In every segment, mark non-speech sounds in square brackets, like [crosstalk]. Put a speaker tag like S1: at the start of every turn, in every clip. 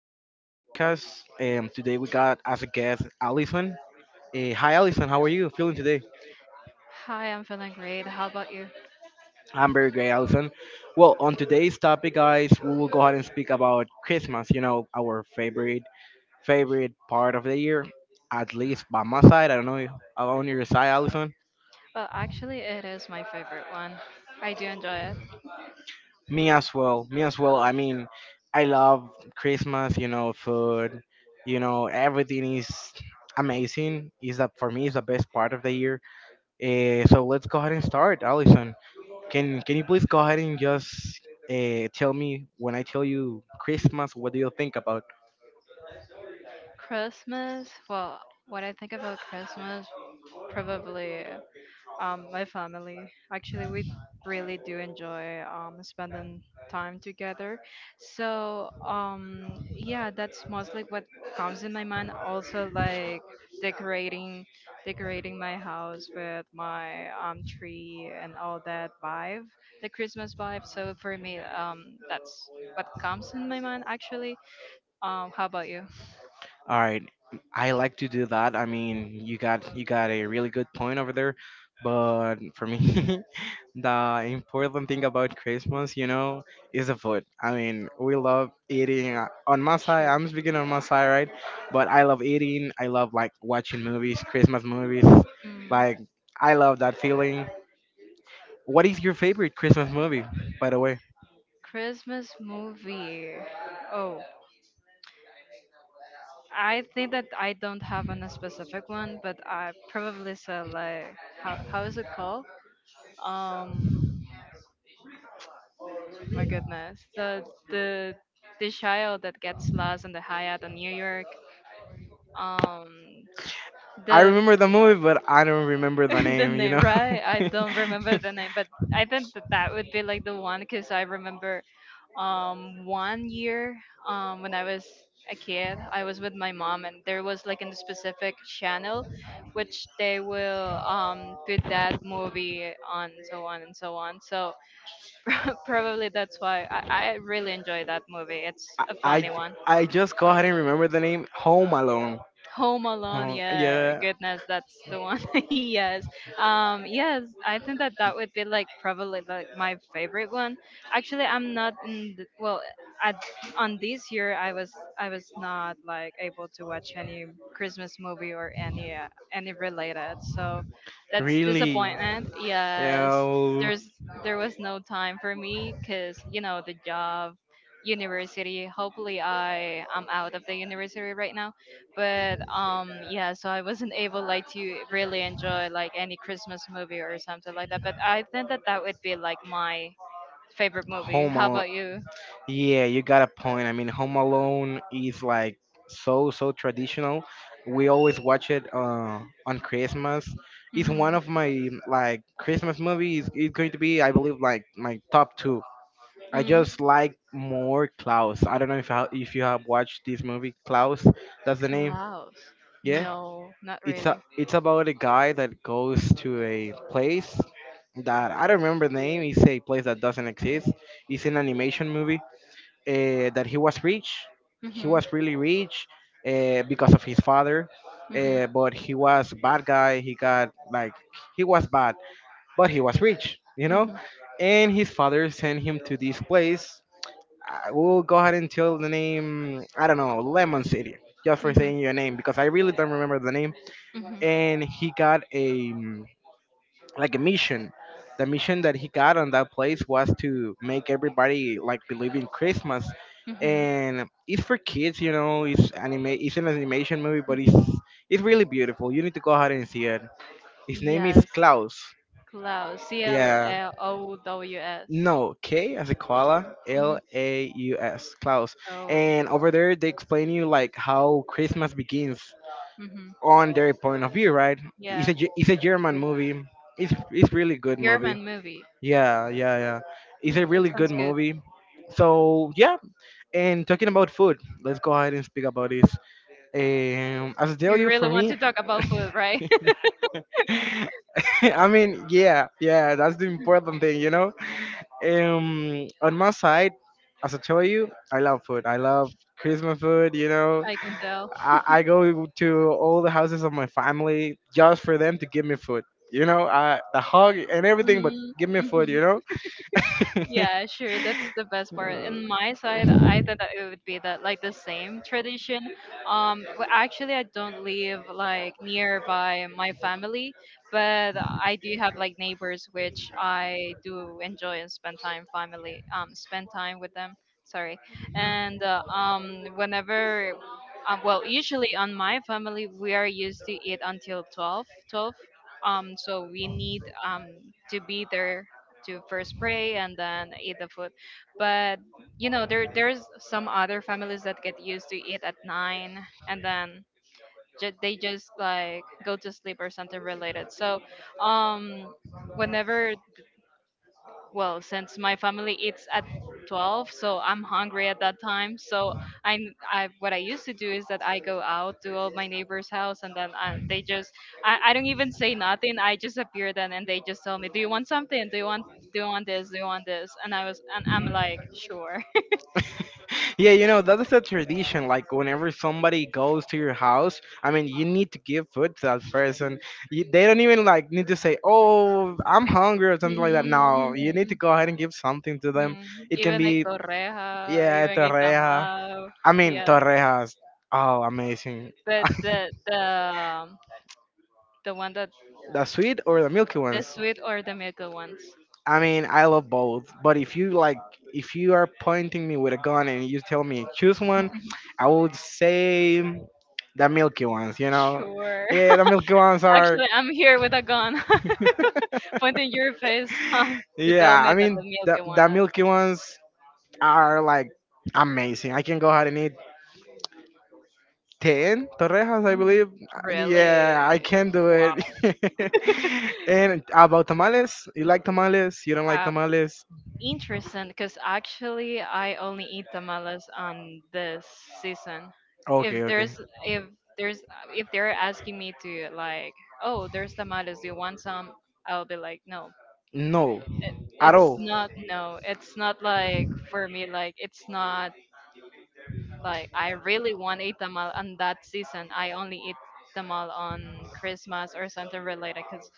S1: our new podcast. Today we got as a guest Allison. Hi, Allison. How are you feeling today?
S2: Hi, I'm feeling great. How about you?
S1: I'm very great, Allison. Well, on today's topic, guys, we will go ahead and speak about Christmas. You know, our favorite part of the year, at least by my side. I don't know on your side, Allison.
S2: Well, actually, it is my favorite one. I do enjoy it.
S1: Me as well. Me as well. I mean, I love Christmas. You know, food. You know, everything is amazing. Is that for me? Is the best part of the year. So let's go ahead and start, Allison. Can you please go ahead and just tell me when I tell you Christmas, what do you think about?
S2: Christmas, well, what I think about Christmas, probably, my family. Actually, we really do enjoy spending time together. So, yeah, that's mostly what comes in my mind. Also, like decorating, decorating my house with my tree and all that vibe, the Christmas vibe. So for me, that's what comes in my mind. Actually, how about you?
S1: All right, I like to do that. I mean, you got a really good point over there, but for me, [laughs] the important thing about Christmas, you know, is the food. I mean, we love eating. On my side,
S2: Sure.
S1: I'm speaking on my side, right? But I love eating. I love like watching movies, Christmas movies,
S2: Mm.
S1: like. I love that feeling. What is your favorite Christmas movie, by the way?
S2: Christmas movie. Oh, I think that I don't have a specific one, but I probably said like how is it called? Um, my goodness, the the child that gets lost in the Hyatt in New York. Um,
S1: I
S2: the
S1: remember the movie, but I don't remember the
S2: [laughs] the
S1: name. You
S2: name,
S1: know,
S2: right? I don't remember the
S1: [laughs]
S2: name, but I think that that would be like the one because I remember one year when I was a kid. I was with my mom and there was like in the specific channel which they will put that movie on, so on and so on. So [laughs] probably that's why I really enjoy that movie. It's a
S1: I
S2: funny one.
S1: I just go ahead and remember the name Home Alone.
S2: Home Alone,
S1: Oh,
S2: yeah,
S1: yeah,
S2: goodness, that's the one. [laughs] Yes, yes, I think that that would be like probably like my favorite one. Actually, I'm not in the, well, at on this year I was not like able to watch any Christmas movie or any related, so that's
S1: really.
S2: disappointment.
S1: Yeah,
S2: Yes,
S1: well,
S2: there's there was no time for me because you know the job, university. Hopefully, I am out of the university right now, but yeah, so I wasn't able like to really enjoy like any Christmas movie or something like that. But I think that that would be like my favorite movie.
S1: Home
S2: How
S1: Alone.
S2: about you?
S1: Yeah, you got a point. I mean, Home Alone is like so traditional. We always watch it on Christmas. It's one
S2: Mm-hmm.
S1: of my like Christmas movies. It's going to be, I believe, like my top two. I
S2: Mm,
S1: just like more Klaus. I don't know if if you have watched this movie, Klaus. That's the name.
S2: cloud,
S1: Yeah,
S2: no, not really.
S1: it's about a guy that goes to a place that I don't remember the name. It's a place that doesn't exist. It's an animation movie that he was rich. He
S2: Hmm.
S1: was really rich because of his father,
S2: Hmm.
S1: but he was a bad guy. He got like, he was bad, but he was rich, you know.
S2: Hmm.
S1: And his
S2: Hmm.
S1: father sent him to this place. I will go ahead and tell the
S2: Hmm.
S1: name. I don't know, Lemon City, just for saying your name because I really don't remember the name. And he got a mission. The mission that he got on that place was to make everybody like believe in Christmas,
S2: Hmm. Hmm.
S1: and it's for kids, you know. It's anime. It's an animation movie, but it's really beautiful. You need to go ahead and see it. His name is
S2: Yes,
S1: Klaus.
S2: Klaus, C L
S1: Yeah.
S2: L O W S.
S1: No, K as a koala,
S2: Mm-hmm.
S1: LAUS, Klaus.
S2: Oh,
S1: And over there, they explain you like how Christmas begins
S2: mm-hmm.
S1: on their point of view, right?
S2: Yeah.
S1: It's a German
S2: Okay.
S1: movie. It's really good movie.
S2: German movie.
S1: Yeah, yeah, yeah. It's
S2: Mm,
S1: a
S2: it
S1: really good
S2: sounds good.
S1: movie. So yeah, and talking about food, let's go ahead and speak about this. As I tell
S2: You
S1: you,
S2: really
S1: for
S2: want
S1: me,
S2: to talk about food, right?
S1: [laughs] I mean, yeah, yeah, that's the important thing, you know. On my side, as I tell you, I love food. I love Christmas food, you know.
S2: [laughs] I can tell.
S1: I go to all the houses of my family just for them to give me food, you know. The hug and everything, but
S2: Mm,
S1: give me food,
S2: mhm.
S1: you know. [laughs]
S2: Yeah, sure. That's the best part. In my side, I thought that it would be that like the same tradition. Actually, I don't live like nearby my family, but I do have like neighbors which I do enjoy and spend time with them. Sorry, and whenever. Well, usually on my family, we are used to eat until 12, 12. So we need to be there to first pray and then eat the food. But, you know, there's some other families that get used to eat at 9 and then they just like go to sleep or something related. So, um, whenever, well, since my family eats at 12, so I'm hungry at that time. So I'm, I what I used to do is that I go out to all my neighbors' house, and then they just, I don't even say nothing. I just appear then, and they just tell me, "Do you want something? Do you want this? Do you want this?" And I'm like, "Sure."
S1: Yeah, you know, that's a tradition. Like, whenever somebody goes to your house, I mean, you need to give food to that person. They don't even, like, need to say, oh, I'm hungry or
S2: [laughs]
S1: something like that. No, you need to
S2: Mhm,
S1: go ahead and give something to them.
S2: mhm.
S1: It can
S2: Even a
S1: be,
S2: torreja,
S1: yeah,
S2: even a
S1: torreja.
S2: tamal,
S1: I mean,
S2: yeah.
S1: torrejas. Oh, amazing.
S2: But the one that,
S1: [laughs] The sweet or the milky
S2: the
S1: ones?
S2: sweet or the middle ones,
S1: I mean, I love both. But if you are pointing me with a gun and you tell me choose one, I would say the milky ones, you know.
S2: sure.
S1: Yeah, the milky ones are.
S2: Actually, I'm here with a gun [laughs] pointing your face [laughs] to tell
S1: Yeah,
S2: me
S1: I
S2: that
S1: mean
S2: the milk
S1: the
S2: you
S1: the
S2: wanna.
S1: milky ones are like amazing. I can go ahead and eat 10 torrejas, I
S2: Mhm.
S1: believe. Yeah, I
S2: Really?
S1: can do
S2: Wow.
S1: it. [laughs] And about tamales, you like tamales? You don't like
S2: Uh,
S1: tamales?
S2: Interesting, because actually I only eat tamales on this season. If
S1: Okay, okay.
S2: there's if there's if they're asking me to like, oh, there's tamales, do you want some? I'll be like, no.
S1: No, at
S2: It's
S1: all.
S2: not no. It's not like for me, like it's not. Like I really want a tamal on that season. I only eat tamal on Christmas or something related, cuz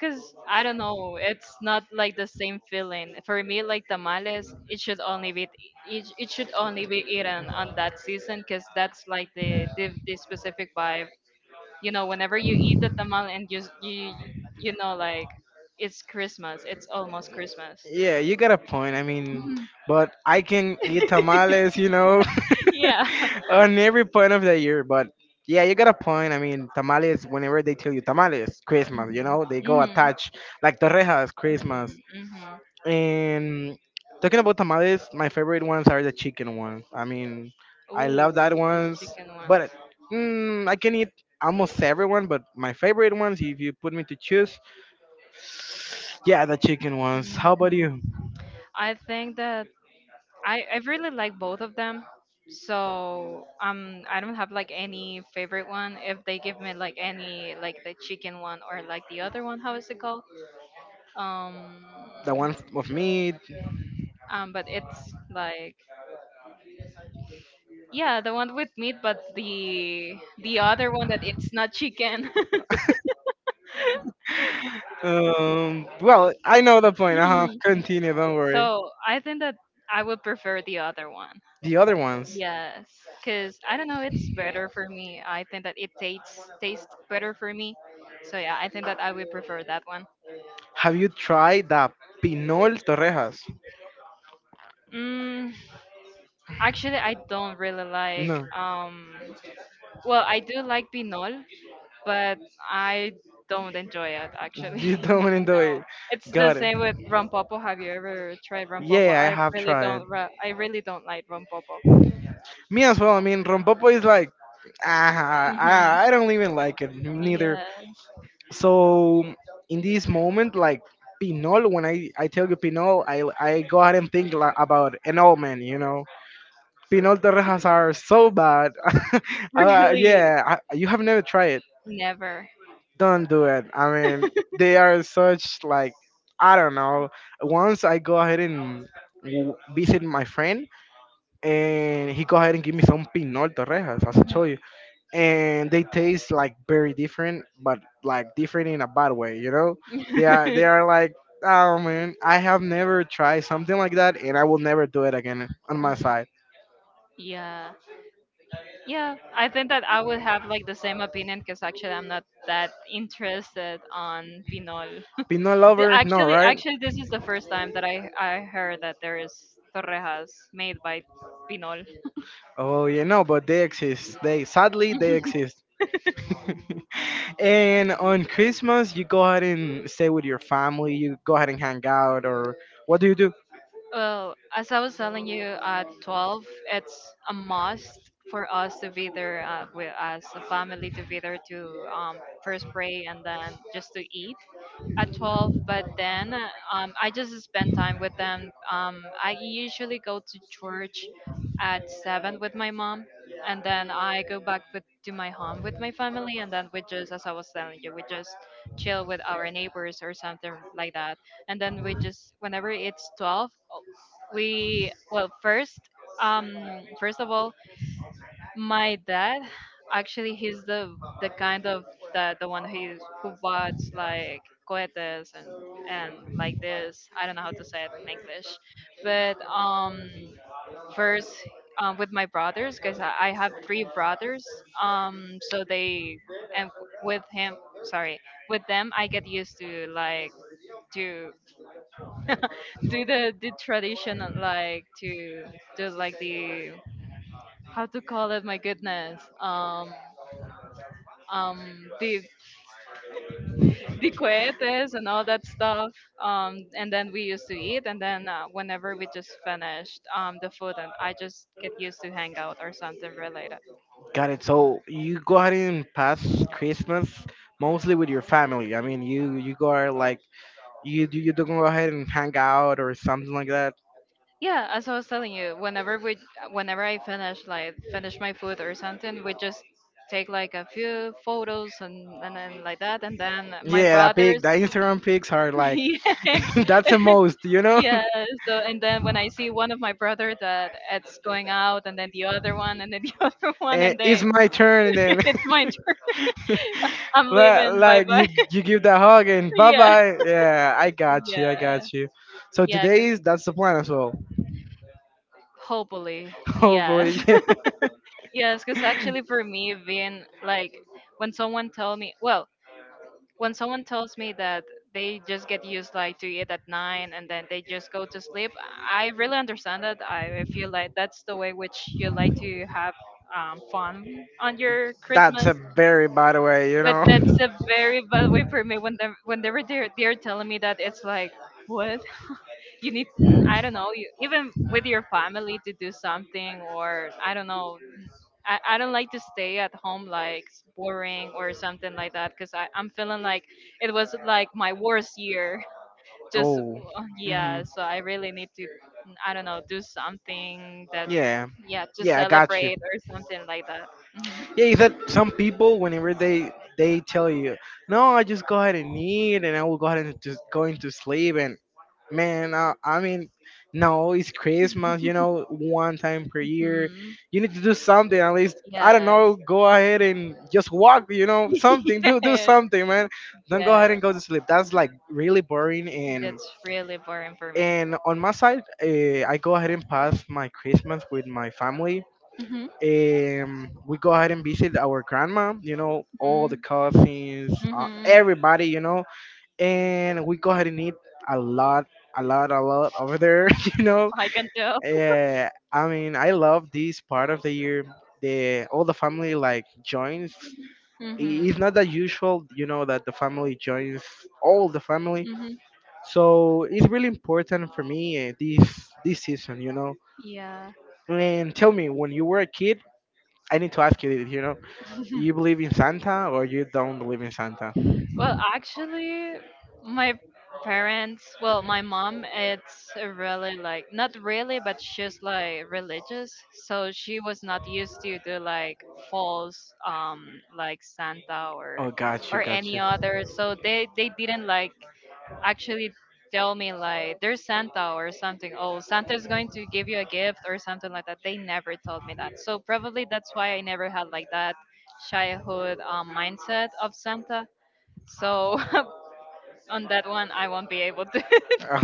S2: cuz I don't know, it's not like the same feeling. For me like tamales, it should only be eaten on that season, cuz that's like the specific vibe. Whenever you eat the tamal and you s- you know like, it's Christmas, it's almost Christmas.
S1: Yeah, you got a point. I mean, but I can eat tamales, you know,
S2: [laughs]
S1: [laughs]
S2: Yeah.
S1: on every point of the year. But yeah, you got a point. I mean, tamales, whenever they tell you tamales, Christmas, you
S2: [laughs] Hmm.
S1: know, they go
S2: Hmm.
S1: attached like torrejas,
S2: Hmm.
S1: Christmas.
S2: Hmm.
S1: And talking about tamales, my favorite ones are the chicken ones. I mean, I love that
S2: Oh, the
S1: ones,
S2: chicken ones.
S1: but I can eat almost everyone, but my favorite ones, if you put me to choose, yeah, the chicken ones. How about
S2: Mhm.
S1: you?
S2: I think that I really like both of them. So I don't have like any favorite one. If they give me like any like the chicken one or like the other one, how is it called? Um
S1: The one of meat.
S2: but it's like, yeah, the one with meat, but the other one that it's not chicken. [laughs]
S1: [laughs] Well, I know the point. Uh huh.
S2: Mm.
S1: Continue. Don't worry.
S2: So I think that I would prefer the other one.
S1: The other ones.
S2: Yes, because I don't know, it's better for me. I think that it tastes better for me. So yeah, I think that I would prefer that one.
S1: Have you tried the pinol torrejas?
S2: Mm, actually, I don't really like.
S1: No,
S2: Well, I do like pinol, but I don't enjoy it actually.
S1: you [laughs]
S2: [laughs] No,
S1: don't enjoy it.
S2: it's the
S1: Got it.
S2: same with rompopo. Have you ever tried rompopo?
S1: Yeah, I
S2: I
S1: have
S2: really
S1: tried.
S2: don't. I really don't like rompopo.
S1: Me as well. I mean, rompopo is like, ah,
S2: Hmm.
S1: I don't even like it neither.
S2: Yeah.
S1: So in this moment, like pinol, when I tell you pinol, I go ahead and think about an old man, you know, Pinol torrejas are so bad. [laughs]
S2: [laughs] Really,
S1: Yeah, you have never tried it.
S2: never. [laughs]
S1: Don't do it. I mean, they are such like, I don't know. Once I go ahead and visit my friend, and he go ahead and give me some pinol torrejas, as I
S2: Mhm.
S1: told you, and they taste like very different, but like different in a bad way. You know, they are like. Oh man, I have never tried something like that, and I will never do it again on my
S2: Mhm.
S1: side.
S2: Yeah. Yeah, I think that I would have like the same opinion because actually I'm not that interested on Pinol.
S1: Peanut lover? No,
S2: Actually,
S1: right?
S2: actually this is the first time that I heard that there is torrejas made by Pinol.
S1: Oh, yeah, no, but they exist. They sadly they exist. [laughs] And on Christmas, you go ahead and stay with your family. You go ahead and hang out, or what do you do?
S2: Well, as I was telling you, at 12, it's a must for us to be there, with, as a family, to be there to first pray and then just to eat at 12. But then, I just spend time with them. I usually go to church at 7 with my mom. And then I go back to my home with my family. And then we just, as I was telling you, we just chill with our neighbors or something like that. And then we just, whenever it's 12, we, well, first, first of all, my dad, actually he's the kind of the one who bought like cohetes and like this. I don't know how to say it in English, but first, with my brothers, because I have three brothers, so they, and with him, sorry, with them, I get used to like to do the tradition of, like, to do like the, how to call it, my goodness, the cohetes and all that stuff. And then we used to eat, and then whenever we just finished the food, and I just get used to hang out or something related.
S1: Got it. So you go ahead and pass Christmas mostly with your family. I mean, you go out like you do go ahead and hang out or something like that.
S2: Yeah, as I was telling you, whenever we, whenever I finish like finish my food or something, we just take like a few photos, and then like that, and then my
S1: Yeah,
S2: brother.
S1: the Instagram pics are
S2: [laughs]
S1: like.
S2: Yeah.
S1: [laughs] That's the
S2: [laughs]
S1: most, you know. [laughs]
S2: Yeah. So and then when I see one of my brother that it's going out, and then the other one, and then the [laughs] other one,
S1: Eh,
S2: and
S1: it's
S2: they,
S1: my
S2: [laughs]
S1: turn then.
S2: it's my turn.
S1: [laughs]
S2: [laughs] I'm leaving. Bye
S1: Like
S2: bye.
S1: you give the hug and bye
S2: [laughs] Yeah.
S1: bye. Yeah, I got
S2: Yeah.
S1: you. So
S2: Yeah.
S1: today is that's the plan as well.
S2: Hopefully.
S1: [laughs] Hopefully,
S2: Yes.
S1: yeah.
S2: [laughs] Yes. Because actually, for me, being like when someone tell me, well, when someone tells me that they just get used like to eat at nine and then they just go to sleep, I really understand that I feel like that's the way which you like to have fun on your
S1: That's
S2: Christmas.
S1: a very bad way, you
S2: But
S1: know.
S2: that's a very bad way for me
S1: [laughs]
S2: whenever they're telling me that it's like, what, you need, I don't know, you, even with your family, to do something, or I don't know. I don't like to stay at home like boring or something like that, because I'm feeling like it was like my worst year. [laughs] Just
S1: Oh,
S2: yeah,
S1: hmm,
S2: so I really need to, I don't know, do something that,
S1: yeah,
S2: yeah, to
S1: yeah, I got you.
S2: celebrate or something like that. Hmm.
S1: Yeah, is that some people whenever they tell you, no, I just go ahead and eat, and I will go ahead and just going to sleep, and man, I mean, no, it's Christmas, you know, one time per year,
S2: Hmm.
S1: you need to do something at least. I don't know,
S2: Yes.
S1: go ahead and just walk, you know, something, do
S2: [laughs]
S1: do
S2: Yes.
S1: something, man. Don't go ahead and
S2: Yes.
S1: go to sleep. That's like really boring and.
S2: That's really boring for me.
S1: And on my side, I go ahead and pass my Christmas with my family
S2: Mm-hmm.
S1: we go ahead and visit our grandma, you know, all
S2: Mm-hmm.
S1: the cousins,
S2: Mm-hmm.
S1: everybody, you know, and we go ahead and eat a lot, a lot, a lot over there, [laughs] you know.
S2: I can tell.
S1: Yeah, I mean, I love this part of the year. The all the family like joins.
S2: Mm-hmm.
S1: It's not that usual, you know, that the family joins all the family.
S2: Mm-hmm.
S1: So it's really important for me this season, you know.
S2: Yeah.
S1: And tell me, when you were a kid, I need to ask you this. You believe in Santa or you don't believe in Santa?
S2: Well, actually, my parents, well, my mom, it's really like not really, but she's like religious, so she was not used to do like false, like Santa
S1: Oh,
S2: or
S1: got you, got
S2: any
S1: you.
S2: other. So they didn't like actually tell me like there's Santa or something. Oh, Santa's going to give you a gift or something like that. They never told me that. So probably that's why I never had like that childhood mindset of Santa, so [laughs] on that one, I won't be able to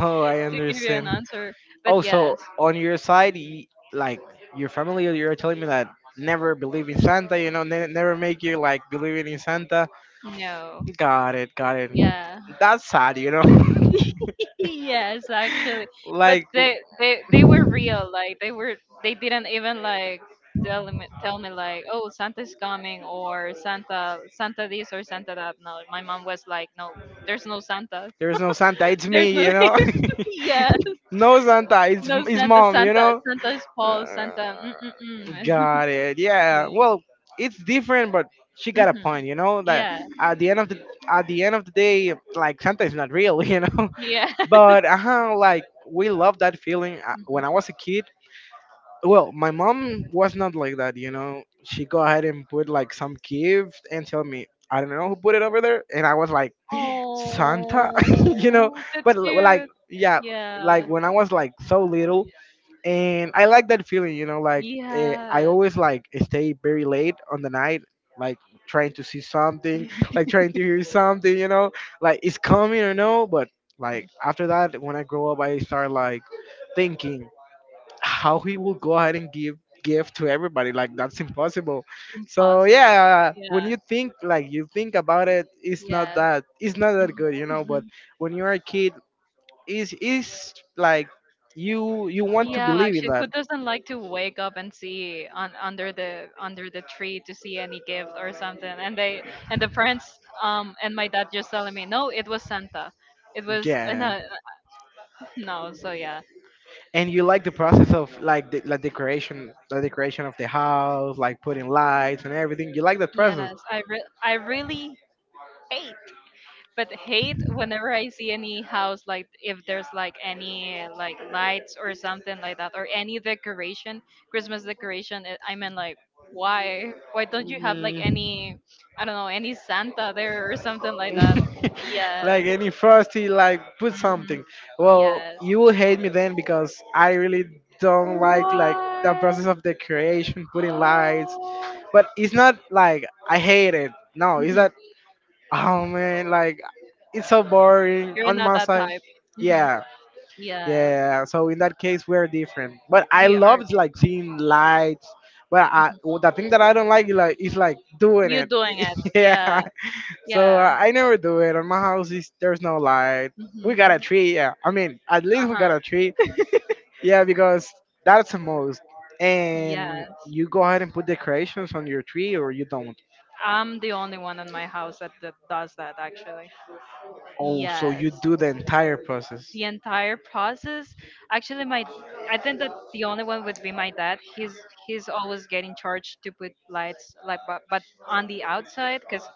S1: Oh, I
S2: to give you an
S1: understand.
S2: answer. But
S1: Oh,
S2: yes.
S1: so on your side, like your family, you're telling me that never believe in Santa, you know, never make you like believing in Santa.
S2: No,
S1: Got it, got it.
S2: yeah,
S1: That's sad, you know. [laughs]
S2: [laughs] yes, actually. But
S1: Like,
S2: they were real. Like they didn't even like tell me like, oh, Santa's coming, or Santa, Santa this or Santa that. No, my mom was like, no. There's no Santa.
S1: there's no Santa, it's
S2: [laughs]
S1: me,
S2: There's no,
S1: you know.
S2: [laughs] yeah,
S1: [laughs] No Santa, it's,
S2: no
S1: it's
S2: Santa.
S1: mom, you
S2: Santa,
S1: know.
S2: Santa's false.
S1: Uh,
S2: Santa, mm mm
S1: got it. Yeah.
S2: mm. [laughs]
S1: Well, it's different, but she
S2: Yeah.
S1: got a
S2: Mhm.
S1: point. You know that
S2: Yeah,
S1: at the end of the day, like Santa is not real. [laughs] You know,
S2: yeah.
S1: but like we love that feeling. When I
S2: [laughs]
S1: was a kid, well, my mom was not like that. You know, she go ahead and put like some gift and tell me. I don't know who put it over there, and I was like Santa, [laughs] you know.
S2: Oh,
S1: But
S2: that's
S1: like,
S2: cute.
S1: yeah,
S2: Yeah.
S1: like when I was like so little, and I like that feeling. You know, like I
S2: Yes.
S1: always like stay very late on the night, like trying to see something, like
S2: [laughs]
S1: trying to hear something. You know, like it's coming or no, but like after that, when I grow up, I start like thinking how he will go ahead and give gift to everybody. Like that's impossible. So
S2: Impossible.
S1: yeah, when
S2: Yeah.
S1: you think, like you think about it, it's not
S2: Yeah.
S1: that, it's not
S2: [laughs]
S1: that
S2: Mhm.
S1: good, you know. But
S2: Mhm.
S1: when you're a kid, is like you want to
S2: Yeah,
S1: believe in
S2: actually, who
S1: that.
S2: doesn't like to wake up and see on under the tree to see any gift or something? And the parents and my dad just telling me, no, it was Santa. It was
S1: Yeah,
S2: no. [laughs] No. So yeah,
S1: and you like the process of like the, like decoration, the decoration of the house, like putting lights and everything. You like that process.
S2: yes, I really hate, but hate whenever I see any house, like, if there's like any like lights or something like that, or any decoration, Christmas decoration. I mean, like, why don't you have, like,
S1: Mm.
S2: any, I don't know, any Santa there or something like that?
S1: [laughs] Like
S2: Yes.
S1: any frosty, like put
S2: Hmm.
S1: something. Well,
S2: Yes.
S1: you will hate me then because I really don't like the
S2: What?
S1: process of decoration, putting lights. But it's not like I hate it. No, it's
S2: Hmm.
S1: that, oh man, like it's so boring
S2: You're
S1: on
S2: not
S1: my
S2: that
S1: side.
S2: type. Hmm.
S1: Yeah.
S2: Yes.
S1: Yeah, so in that case we're different. But I
S2: We are.
S1: loved
S2: Too.
S1: like seeing lights. But I, well, the thing that I don't like is like doing
S2: You
S1: it.
S2: doing it?
S1: [laughs] Yeah.
S2: Yeah.
S1: So
S2: Yeah.
S1: I never do it. On my house is there's no light. We got a
S2: Hmm.
S1: tree. Yeah. I mean, at least we
S2: Uh
S1: got a tree. Yeah, because that's the most. And
S2: Yes,
S1: you go ahead and put decorations on your tree, or you don't.
S2: I'm the only one in my house that, does that actually.
S1: Oh, so you
S2: Yes,
S1: do the entire process.
S2: the entire process. Actually, my I think that the only one would be my dad. He's always getting charged to put lights, like, but on the outside because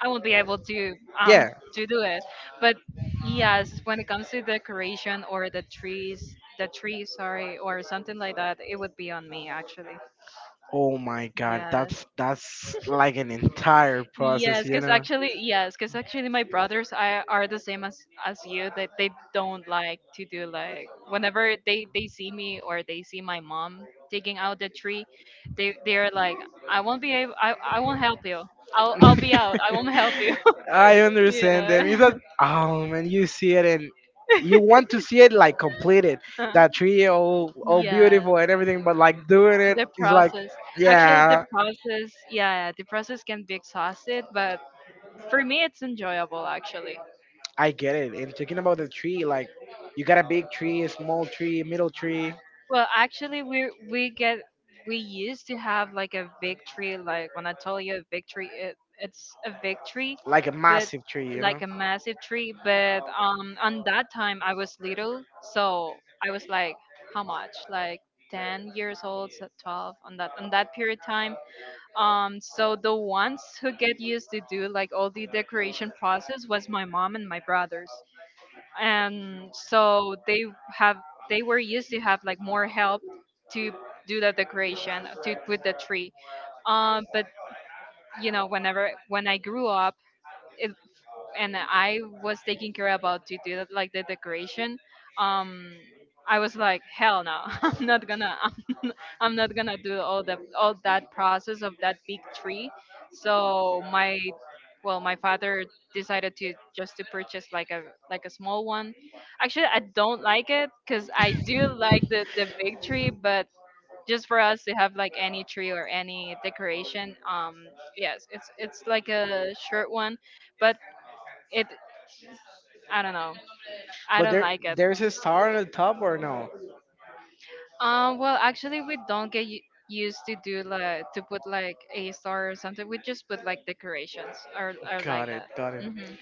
S2: I won't be able um
S1: Yeah.
S2: to do it. But yes, when it comes to decoration or the trees, the tree, sorry, or something like that, it would be on me actually.
S1: Oh my god,
S2: Yes.
S1: that's like an entire process, you know. [laughs]
S2: Yes, because actually, my brothers are the same as you. That they don't like to do, like, whenever they see me or they see my mom taking out the tree, they're like, I won't be able, I won't help you. I'll be out. I won't help you.
S1: I
S2: [laughs]
S1: understand
S2: Yeah.
S1: them. You thought, oh man, you see it, and you want to see it like completed. That
S2: [laughs]
S1: tree all
S2: Yeah,
S1: beautiful and everything, but like doing it
S2: the
S1: is like,
S2: process. Actually, the
S1: yeah,
S2: process. Yeah, the process can be exhausted, but for me, it's enjoyable actually.
S1: I get it. And talking about the tree, like you got a big tree, a small tree, middle tree,
S2: Well, actually, we used to have like a victory. Like when I told you a victory, it's a victory,
S1: like a
S2: but
S1: massive tree, you
S2: like
S1: know.
S2: a massive tree. But on that time I was little, so I was like, how much? Like 10 years old, so 12 on that period time. So the ones who get used to do like all the decoration process was my mom and my brothers, and so have they were used to have like more help to do the decoration, to put the tree, but, you know, when I grew up, it, and I was taking care about to do that, like the decoration, um I was like, hell no. [laughs] I'm not gonna do all that process of that big tree. So my Well, my father decided to just to purchase like a small one. Actually, I don't like it because I do like the big tree, but just for us to have like any tree or any decoration, yes, it's like a short one, but it I don't know, I
S1: But
S2: don't
S1: there,
S2: like it.
S1: there's a star on the top or no?
S2: Well, actually, we don't get used to do like to put like a star or something. We just put like decorations or
S1: Got
S2: like
S1: it,
S2: that.
S1: got it.
S2: Mm-hmm.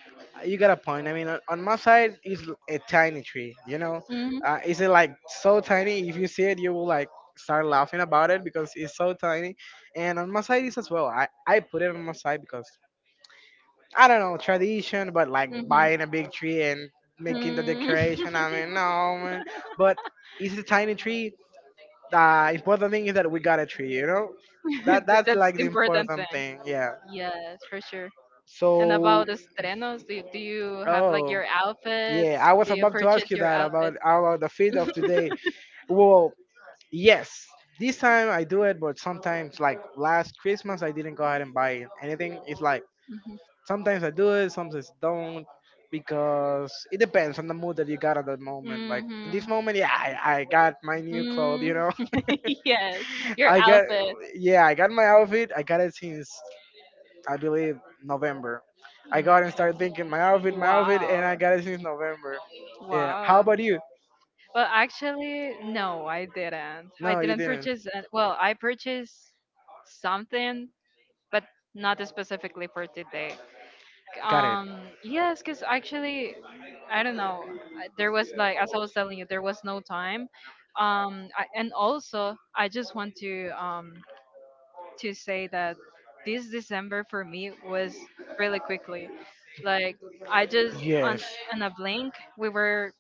S1: You got a point. I mean, on my side is a tiny tree. You know,
S2: Mm-hmm.
S1: is it like so tiny? If you see it, you will like start laughing about it because it's so tiny. And on my side is as well. I put it on my side because I don't know, tradition, but like buying a big tree and making the
S2: Mm-hmm.
S1: decoration. I mean, no, man. But it's a tiny tree. The important thing is that we got a tree, you know?
S2: [laughs]
S1: That's
S2: That's
S1: like
S2: the
S1: the
S2: important
S1: important
S2: thing.
S1: thing, yeah.
S2: Yes, for sure. And
S1: So,
S2: about estrenos, do you have like
S1: oh,
S2: your outfits?
S1: yeah, I was
S2: Do you
S1: about to ask
S2: purchase
S1: you
S2: your
S1: that
S2: outfits?
S1: about the feed of today. Well, yes. This time I do it, but sometimes, like last Christmas, I didn't go ahead and buy anything. It's like,
S2: Mm-hmm.
S1: sometimes I do it, sometimes don't, because it depends on the mood that you got at that moment. Like in this
S2: Mm-hmm.
S1: moment, yeah, I got my new clothes, you
S2: Mm-hmm.
S1: know.
S2: [laughs] Yes,
S1: [laughs]
S2: your
S1: I got,
S2: outfit.
S1: yeah, I got my outfit. I got it since, I believe, November. I got
S2: Not
S1: and
S2: bad.
S1: started thinking my outfit,
S2: Wow.
S1: and I got it since November. Yeah. How
S2: Wow.
S1: about you?
S2: Well, actually, no, I didn't. I
S1: No, you
S2: didn't
S1: didn't.
S2: purchase. Well, I purchased something, but not specifically for today.
S1: Got it.
S2: Yes, because actually, I don't know. There was, like, as I was telling you, there was no time. And also, I just want to say that this December for me was really quickly. Like, I just on
S1: Yes.
S2: in a blink we were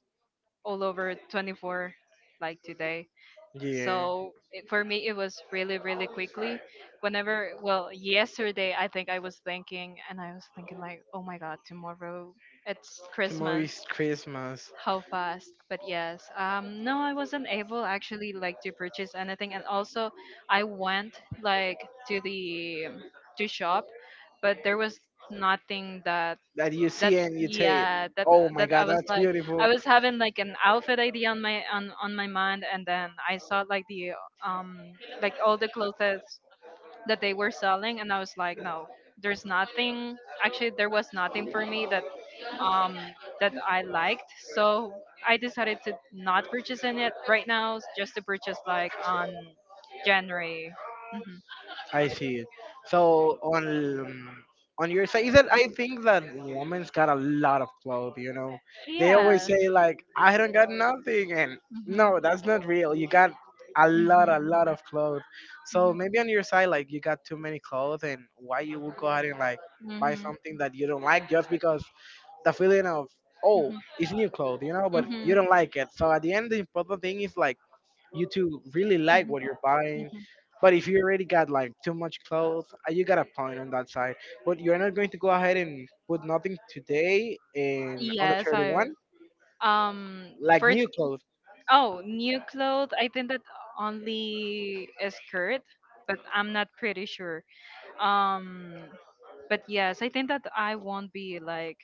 S2: all over 24 like today.
S1: Yeah.
S2: So it, for me it was really really quickly. Whenever Well, yesterday I think I was thinking, and I was thinking like, oh my god, tomorrow it's
S1: The
S2: Christmas.
S1: movie's Christmas
S2: How fast! But yes, no, I wasn't able actually like to purchase anything. And also, I went like to shop, but there was nothing
S1: that you
S2: that,
S1: see and you say,
S2: yeah, that
S1: "Oh my
S2: that I
S1: God,
S2: was
S1: that's
S2: like,
S1: beautiful."
S2: I was having like an outfit idea on my, on my mind. And then I saw like the, um like all the clothes that they were selling, and I was like, no, there's nothing. Actually, there was nothing for me that, um that I liked, so I decided to not purchase in it right now, just to purchase, like, on January. Hmm.
S1: I see. So on your side, is that I think that women's got a lot of clothes. You know, they always
S2: Yes.
S1: say like, "I don't got nothing," and
S2: Hmm.
S1: no, that's not real. You got a
S2: Hmm.
S1: lot of clothes. So maybe on your side, like, you got too many clothes, and why you would go ahead and like buy
S2: Hmm.
S1: something that you don't like just because the feeling of, oh, it's new clothes, you know,
S2: Hmm.
S1: but
S2: Hmm.
S1: you
S2: Hmm.
S1: don't like it. So at the end, the important thing is like you to really like
S2: Mhm,
S1: what you're buying.
S2: mhm.
S1: But if you already got like too much clothes, you got a point on that side. But you're not going to go ahead and put nothing today and on the
S2: Yes, I
S1: 31st like
S2: for—
S1: new clothes.
S2: Oh, new clothes. I think that only a skirt, but I'm not pretty sure. Um, but yes, I think that I won't be like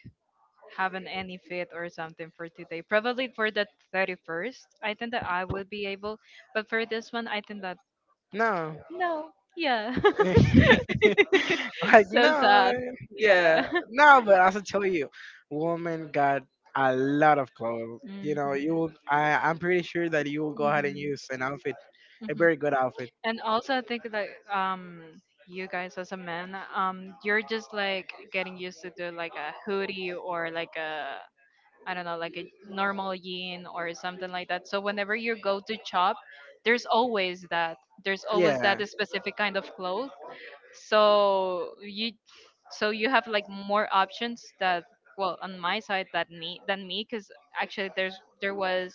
S2: having any fit or something for today. Probably for the 31st, I think that I would be able. But for this one, I think that
S1: No,
S2: no. Yeah.
S1: [laughs]
S2: [laughs]
S1: like
S2: So
S1: no,
S2: sad. Yeah.
S1: yeah, no. But as I tell you, woman got a lot of clothes. You know, you will.
S2: [laughs]
S1: I'm pretty sure that you will go ahead and
S2: Hmm.
S1: use an outfit, a
S2: Hmm.
S1: very good outfit.
S2: And also, I think that, you guys as a man, you're just like getting used to do like a hoodie or like a, I don't know, like a normal yin or something like that. So whenever you go to shop, there's always that. There's always that
S1: Yeah.
S2: specific kind of clothes. So you, so you have like more options that, well, on my side, that me than me, because actually there's there was,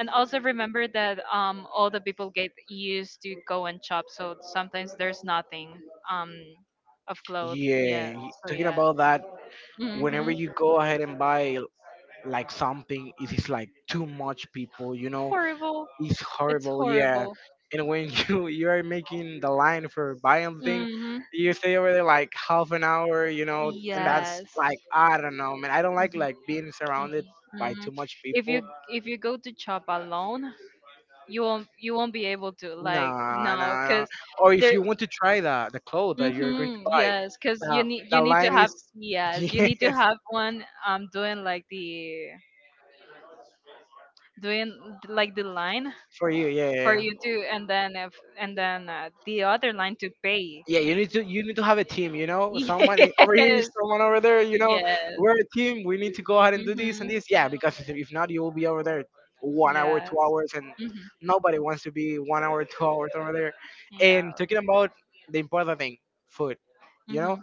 S2: and also remember that, all the people get used to go and shop, so sometimes there's nothing, um of clothes, yeah.
S1: Yeah,
S2: So
S1: talking
S2: yeah.
S1: about that, whenever
S2: Hmm.
S1: you go ahead and buy like something, it is like too much people, you know,
S2: Horrible.
S1: it's
S2: It's
S1: horrible, yeah.
S2: horrible.
S1: And when [laughs] you are making the line for buying thing,
S2: Hmm.
S1: you stay over there like half an hour, you know, and that's
S2: Yes.
S1: like I don't know, man. I don't like
S2: Hmm.
S1: being surrounded
S2: Mhm,
S1: by
S2: mhm.
S1: too much
S2: If you
S1: people.
S2: if you go to shop alone, you won't be able to, like,
S1: Nah, nah,
S2: no
S1: nah.
S2: because
S1: Or if
S2: there
S1: you want to try the clothes that you're going to
S2: mm-hmm,
S1: buy,
S2: yes, because
S1: the,
S2: you
S1: the
S2: need to
S1: line
S2: have,
S1: is [laughs]
S2: yes, you need to
S1: yes,
S2: have one, doing like the line
S1: for you. Yeah,
S2: for
S1: yeah, yeah.
S2: you to— and then if and then, the other line to pay.
S1: Yeah, you need to have a team. You
S2: [laughs]
S1: know, someone over here,
S2: Yes,
S1: someone over there. You know,
S2: yes,
S1: we're a team. We need to go ahead and do this
S2: mm-hmm,
S1: and this. Yeah, because if not, you will be over there 1 hour, two
S2: yes.
S1: hours, and
S2: Mm-hmm.
S1: nobody wants to be 1 hour, 2 hours over there.
S2: Yeah.
S1: And talking about the important thing, food. You know,
S2: Hmm.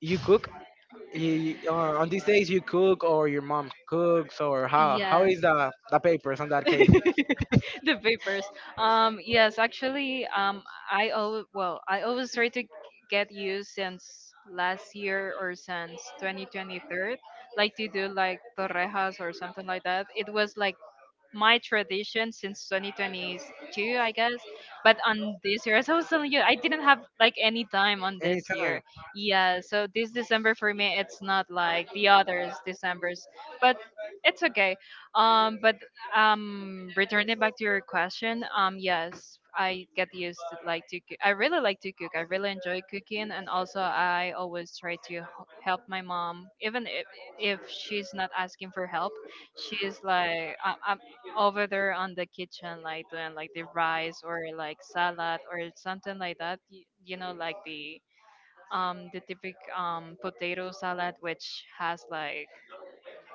S1: you cook. You, on these days, you cook, or your mom cooks, or how
S2: Yes.
S1: is the papers on that case?
S2: [laughs] The vapors. Yes, actually, I always well, I always try to get used since last year or since 2023, like to do like torrejas or something like that. It was like my tradition since 2022, I guess. But on this year, [laughs] as I was telling you, I didn't have like any time on this
S1: Anytime.
S2: year. Yeah, so this December for me, it's not like the others Decembers, but it's okay. But Returning back to your question, yes, I get used to like to cook. I really like to cook. I really enjoy cooking, and also I always try to help my mom, even if she's not asking for help. She's like, I, over there on the kitchen, like doing like the rice or like salad or something like that. You know, like the, the typical potato salad, which has like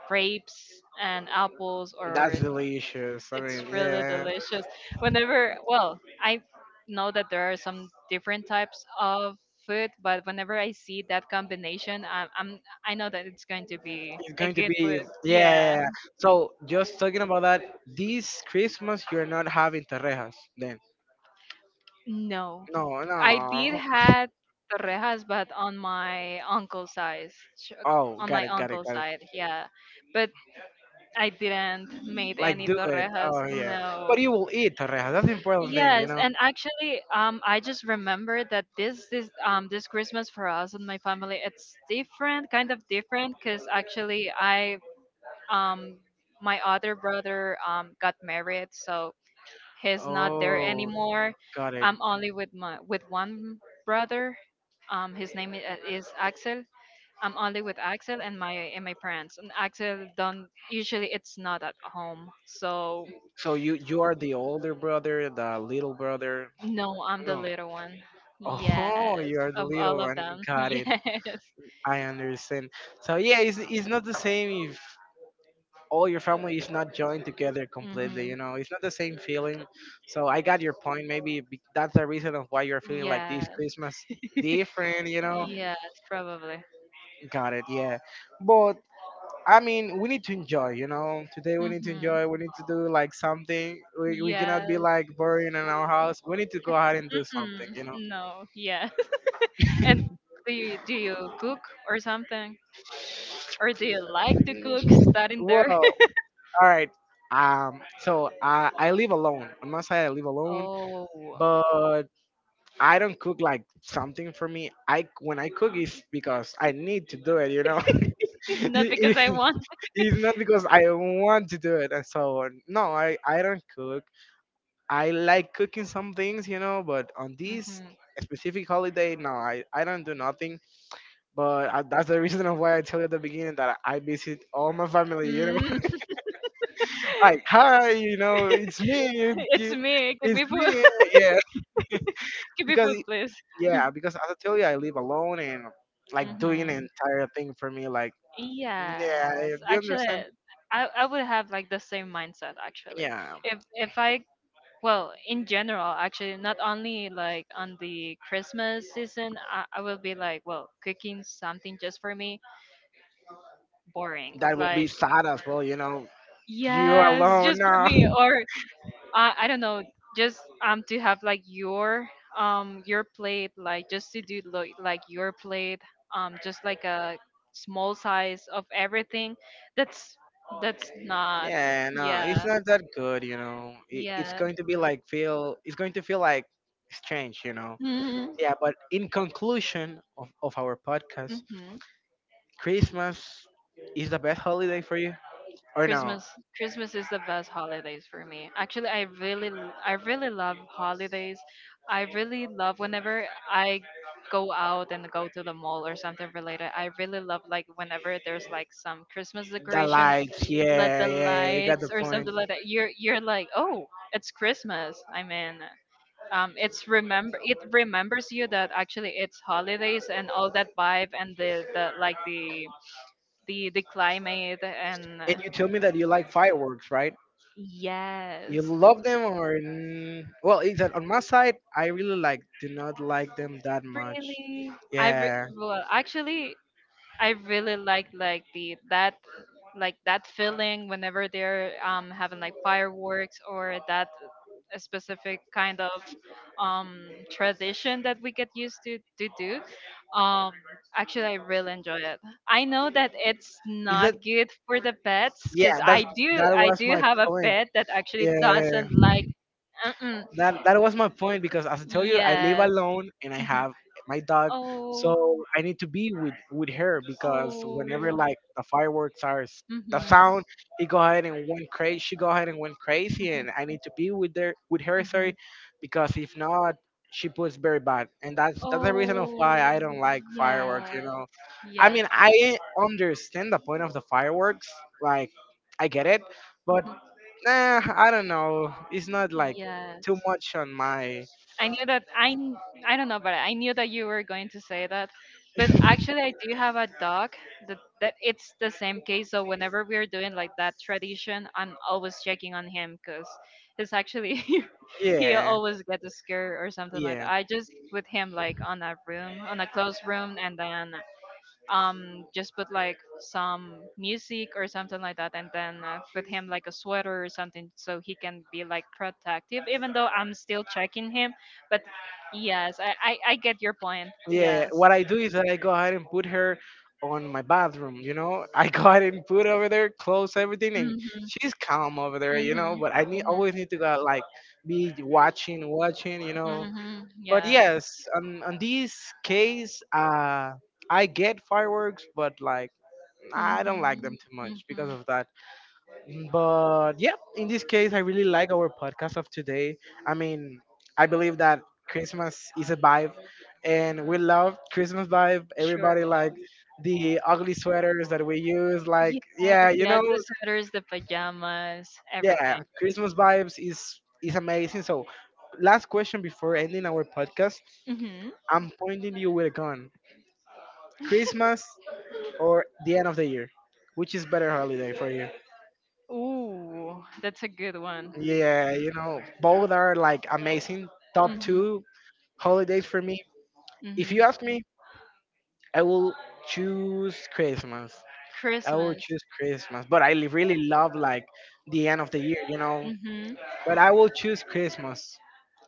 S2: grapes and apples
S1: That's
S2: or—
S1: delicious. I
S2: it's
S1: mean,
S2: really
S1: yeah.
S2: delicious. Whenever, well, I know that there are some different types of food, but whenever I see that combination, I know that it's going to be
S1: It's
S2: a
S1: going to
S2: good
S1: be,
S2: food.
S1: yeah. Yeah,
S2: Yeah.
S1: yeah. So just talking about that, this Christmas you're not having torrejas then.
S2: No,
S1: No,
S2: I did
S1: no.
S2: had torrejas, but on my uncle's side, sh-
S1: Oh,
S2: on
S1: got
S2: my
S1: it, got it,
S2: uncle's
S1: got it.
S2: side, yeah. But I didn't made
S1: Like
S2: any
S1: do it.
S2: torrejas.
S1: Oh yeah. But
S2: No.
S1: you will eat torrejas. That's the important thing, you
S2: Yes,
S1: know.
S2: and actually, I just remember that this Christmas for us and my family, it's different, kind of different, because actually I um my other brother got married, so he's not there
S1: Oh,
S2: anymore.
S1: got it.
S2: I'm only with my, with one brother. His name is Axel. I'm only with Axel and my parents. And Axel don't usually, it's not at home. So
S1: So you are the older brother, the little brother.
S2: no, I'm the
S1: No.
S2: little one.
S1: Oh, [laughs]
S2: Yes,
S1: you are the
S2: of
S1: little
S2: all of
S1: one.
S2: them. [laughs]
S1: Got it.
S2: Yes.
S1: I understand. So yeah, it's not the same if all your family is not joined together completely,
S2: Mhm.
S1: you know. It's not the same feeling. So I got your point. Maybe that's the reason of why you're feeling like this
S2: Yes.
S1: Christmas
S2: [laughs]
S1: different, you know.
S2: Yes, probably.
S1: Got it, yeah. But I mean, we need to enjoy, you know. Today we need to
S2: Mhm.
S1: enjoy, we need to do like something. We cannot be
S2: Yes.
S1: like boring in our house. We need to go out and do something,
S2: Mm-mm.
S1: you know.
S2: No, yeah. [laughs] And do you cook or something? Or do you like to cook studying
S1: Well,
S2: there?
S1: all
S2: [laughs]
S1: right, so I live alone. I'm not saying I live alone,
S2: Oh,
S1: but I don't cook like something for me. I, when I cook is because I need to do it. You know, [laughs]
S2: [laughs] not because
S1: It-
S2: I
S1: it-
S2: want.
S1: it's not because I want to do it and so on. No, I don't cook. I like cooking some things, you know, but on this
S2: Hmm.
S1: specific holiday, no, I don't do nothing. But I, that's the [laughs] reason of why I tell you at the beginning that I visit all my family. You know,
S2: Mm.
S1: [laughs] like hi, you know, it's me,
S2: [laughs] It's me. Give
S1: it's
S2: me food.
S1: me, yeah.
S2: [laughs] Give me
S1: Because,
S2: food, please.
S1: yeah, because as I tell you, I live alone and like doing an
S2: Hmm.
S1: entire thing for me. Like, yeah,
S2: Yes,
S1: if you
S2: actually,
S1: understand?
S2: I would have like the same mindset actually.
S1: Yeah,
S2: If I— well, in general, actually, not only like on the Christmas season, I will be like, well, cooking something just for me, boring.
S1: that will be
S2: Like,
S1: sad as well, you know. You
S2: yes, [laughs]
S1: alone
S2: just for
S1: now.
S2: me,
S1: [laughs]
S2: or I don't know, just to have like your, your plate, like just to do like your plate, just like a small size of everything. That's that's not—
S1: Yeah, no, it's
S2: yeah,
S1: not that good, you know. It, it's
S2: yeah.
S1: going to be like feel, it's going to feel like strange, you know.
S2: Mm-hmm.
S1: Yeah, but in conclusion of our podcast,
S2: Mm-hmm.
S1: Christmas is the best holiday for you. Or no,
S2: Christmas. Christmas is the best holidays for me. Actually, I really I really love holidays. I really love whenever I go out and go to the mall or something related. I really love, like, whenever there's like some Christmas
S1: the
S2: decoration,
S1: lights.
S2: let
S1: Yeah,
S2: the
S1: yeah, you got
S2: lights
S1: the
S2: or
S1: point.
S2: something like that. You're like, "Oh, it's Christmas." I mean, it remembers you that actually it's holidays and all that vibe and the like the climate and
S1: And you told me that you like fireworks, right? You
S2: yes,
S1: love them or well, is that on my side? I really like do not like them that much.
S2: really, I
S1: Yeah.
S2: well, actually, I really like the that like that feeling whenever they're having like fireworks, or that a specific kind of, um tradition that we get used to do, um actually, I really enjoy it. I know that it's
S1: Is
S2: not
S1: that,
S2: good for the pets because
S1: yeah? That's that
S2: I
S1: was
S2: do
S1: my
S2: have a
S1: point.
S2: pet that actually
S1: Yeah.
S2: doesn't like— [clears throat]
S1: That that was my point because as I tell you, I live
S2: Yes.
S1: alone and I
S2: Mhm.
S1: have my dog,
S2: Oh.
S1: so I need to be with her because
S2: Oh.
S1: whenever like the fireworks are
S2: Mhm.
S1: the sound, it go ahead and went crazy. She go ahead and went crazy,
S2: Mhm.
S1: and I need to be with her with her. Sorry,
S2: Mhm.
S1: because if not, she puts very bad, and that's the reason of
S2: Oh.
S1: why I don't like fireworks. You
S2: Yes.
S1: know, I
S2: Yes.
S1: mean, I understand the point of the fireworks, like I get it, but
S2: Mhm.
S1: nah, I don't know. It's not like
S2: Yes.
S1: too much on my.
S2: I knew that I don't know, but I knew that you were going to say that. But actually, I do have a dog that, it's the same case. So whenever we're doing like that tradition, I'm always checking on him because it's actually [laughs] he
S1: Yeah,
S2: always gets scared or something like
S1: yeah,
S2: that. I just put him like on a room, on a closed room, and then just put like some music or something like that, and then put him like a sweater or something so he can be like protective, even though I'm still checking him. But yes, I get your point,
S1: yeah.
S2: yes.
S1: What I do is that I go ahead and put her on my bathroom. You know, [laughs] I go ahead and put over there, close everything, and
S2: Hmm.
S1: she's calm over there. You know,
S2: Hmm.
S1: but I need always need to go like be watching, watching. You
S2: Hmm.
S1: know,
S2: Hmm.
S1: but
S2: Yeah.
S1: yes, on this case, I get fireworks, but like
S2: Hmm.
S1: I don't like them too much
S2: Hmm.
S1: because of that. But yeah, in this case, I really like our podcast of today. I mean, I believe that Christmas is a vibe, and we love Christmas vibe.
S2: Sure.
S1: Everybody like the ugly sweaters that we use. Like,
S2: Yes, yeah,
S1: yeah, you
S2: the
S1: know,
S2: ugly sweaters, the pajamas,
S1: yeah,
S2: everything.
S1: Christmas vibes is amazing. So, last question before ending our podcast,
S2: Hmm.
S1: I'm pointing you with a gun. Christmas or the end of the year, which is better holiday for you?
S2: Ooh, that's a good one.
S1: Yeah, you know, both are like amazing top
S2: Hmm.
S1: two holidays for me. If
S2: Hmm.
S1: you ask me, I will choose Christmas. I will
S2: Christmas.
S1: choose Christmas, but I really love like the end of the year, you know.
S2: Hmm.
S1: But I will choose Christmas.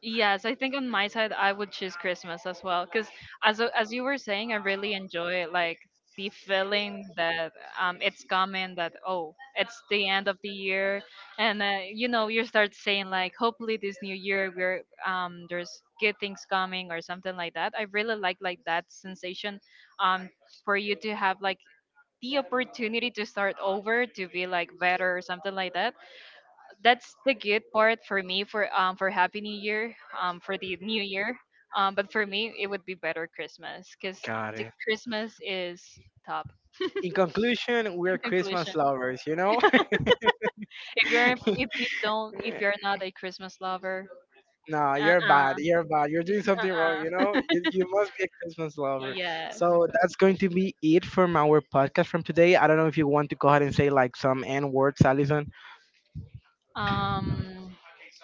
S2: Yes, I think on my side I would choose Christmas as well because, as you were saying, I really enjoy like the feeling that, it's coming, that oh, it's the end of the year, and you start saying like, hopefully this new year we're there's good things coming or something like that. I really like that sensation, um for you to have like the opportunity to start over, to be like better or something like that. That's the good part for me, for happy new year, for the new year, but for me it would be better Christmas because
S1: Got
S2: the
S1: it.
S2: Christmas is top.
S1: In conclusion, we're
S2: In
S1: Christmas
S2: conclusion,
S1: lovers, you know.
S2: if you're—
S1: [laughs]
S2: if you're not a Christmas lover—
S1: No, you're
S2: uh-uh.
S1: bad. You're bad. You're doing something wrong, you
S2: Uh-uh.
S1: know? You must be a Christmas lover.
S2: [laughs] Yes.
S1: So that's going to be it from our podcast from today. I don't know if you want to go ahead and say like some N words, Allison.
S2: um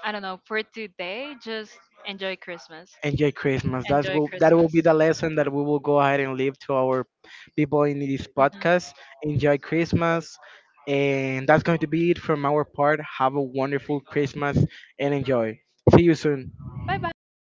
S2: I don't know, for today just enjoy Christmas.
S1: Enjoy Christmas. That's
S2: Enjoy
S1: will that will
S2: Christmas.
S1: be the lesson that we will go ahead and leave to our people in this
S2: Hmm.
S1: podcast. Enjoy Christmas. And that's going to be it from our part. Have a wonderful Christmas and enjoy. See you soon.
S2: Bye bye.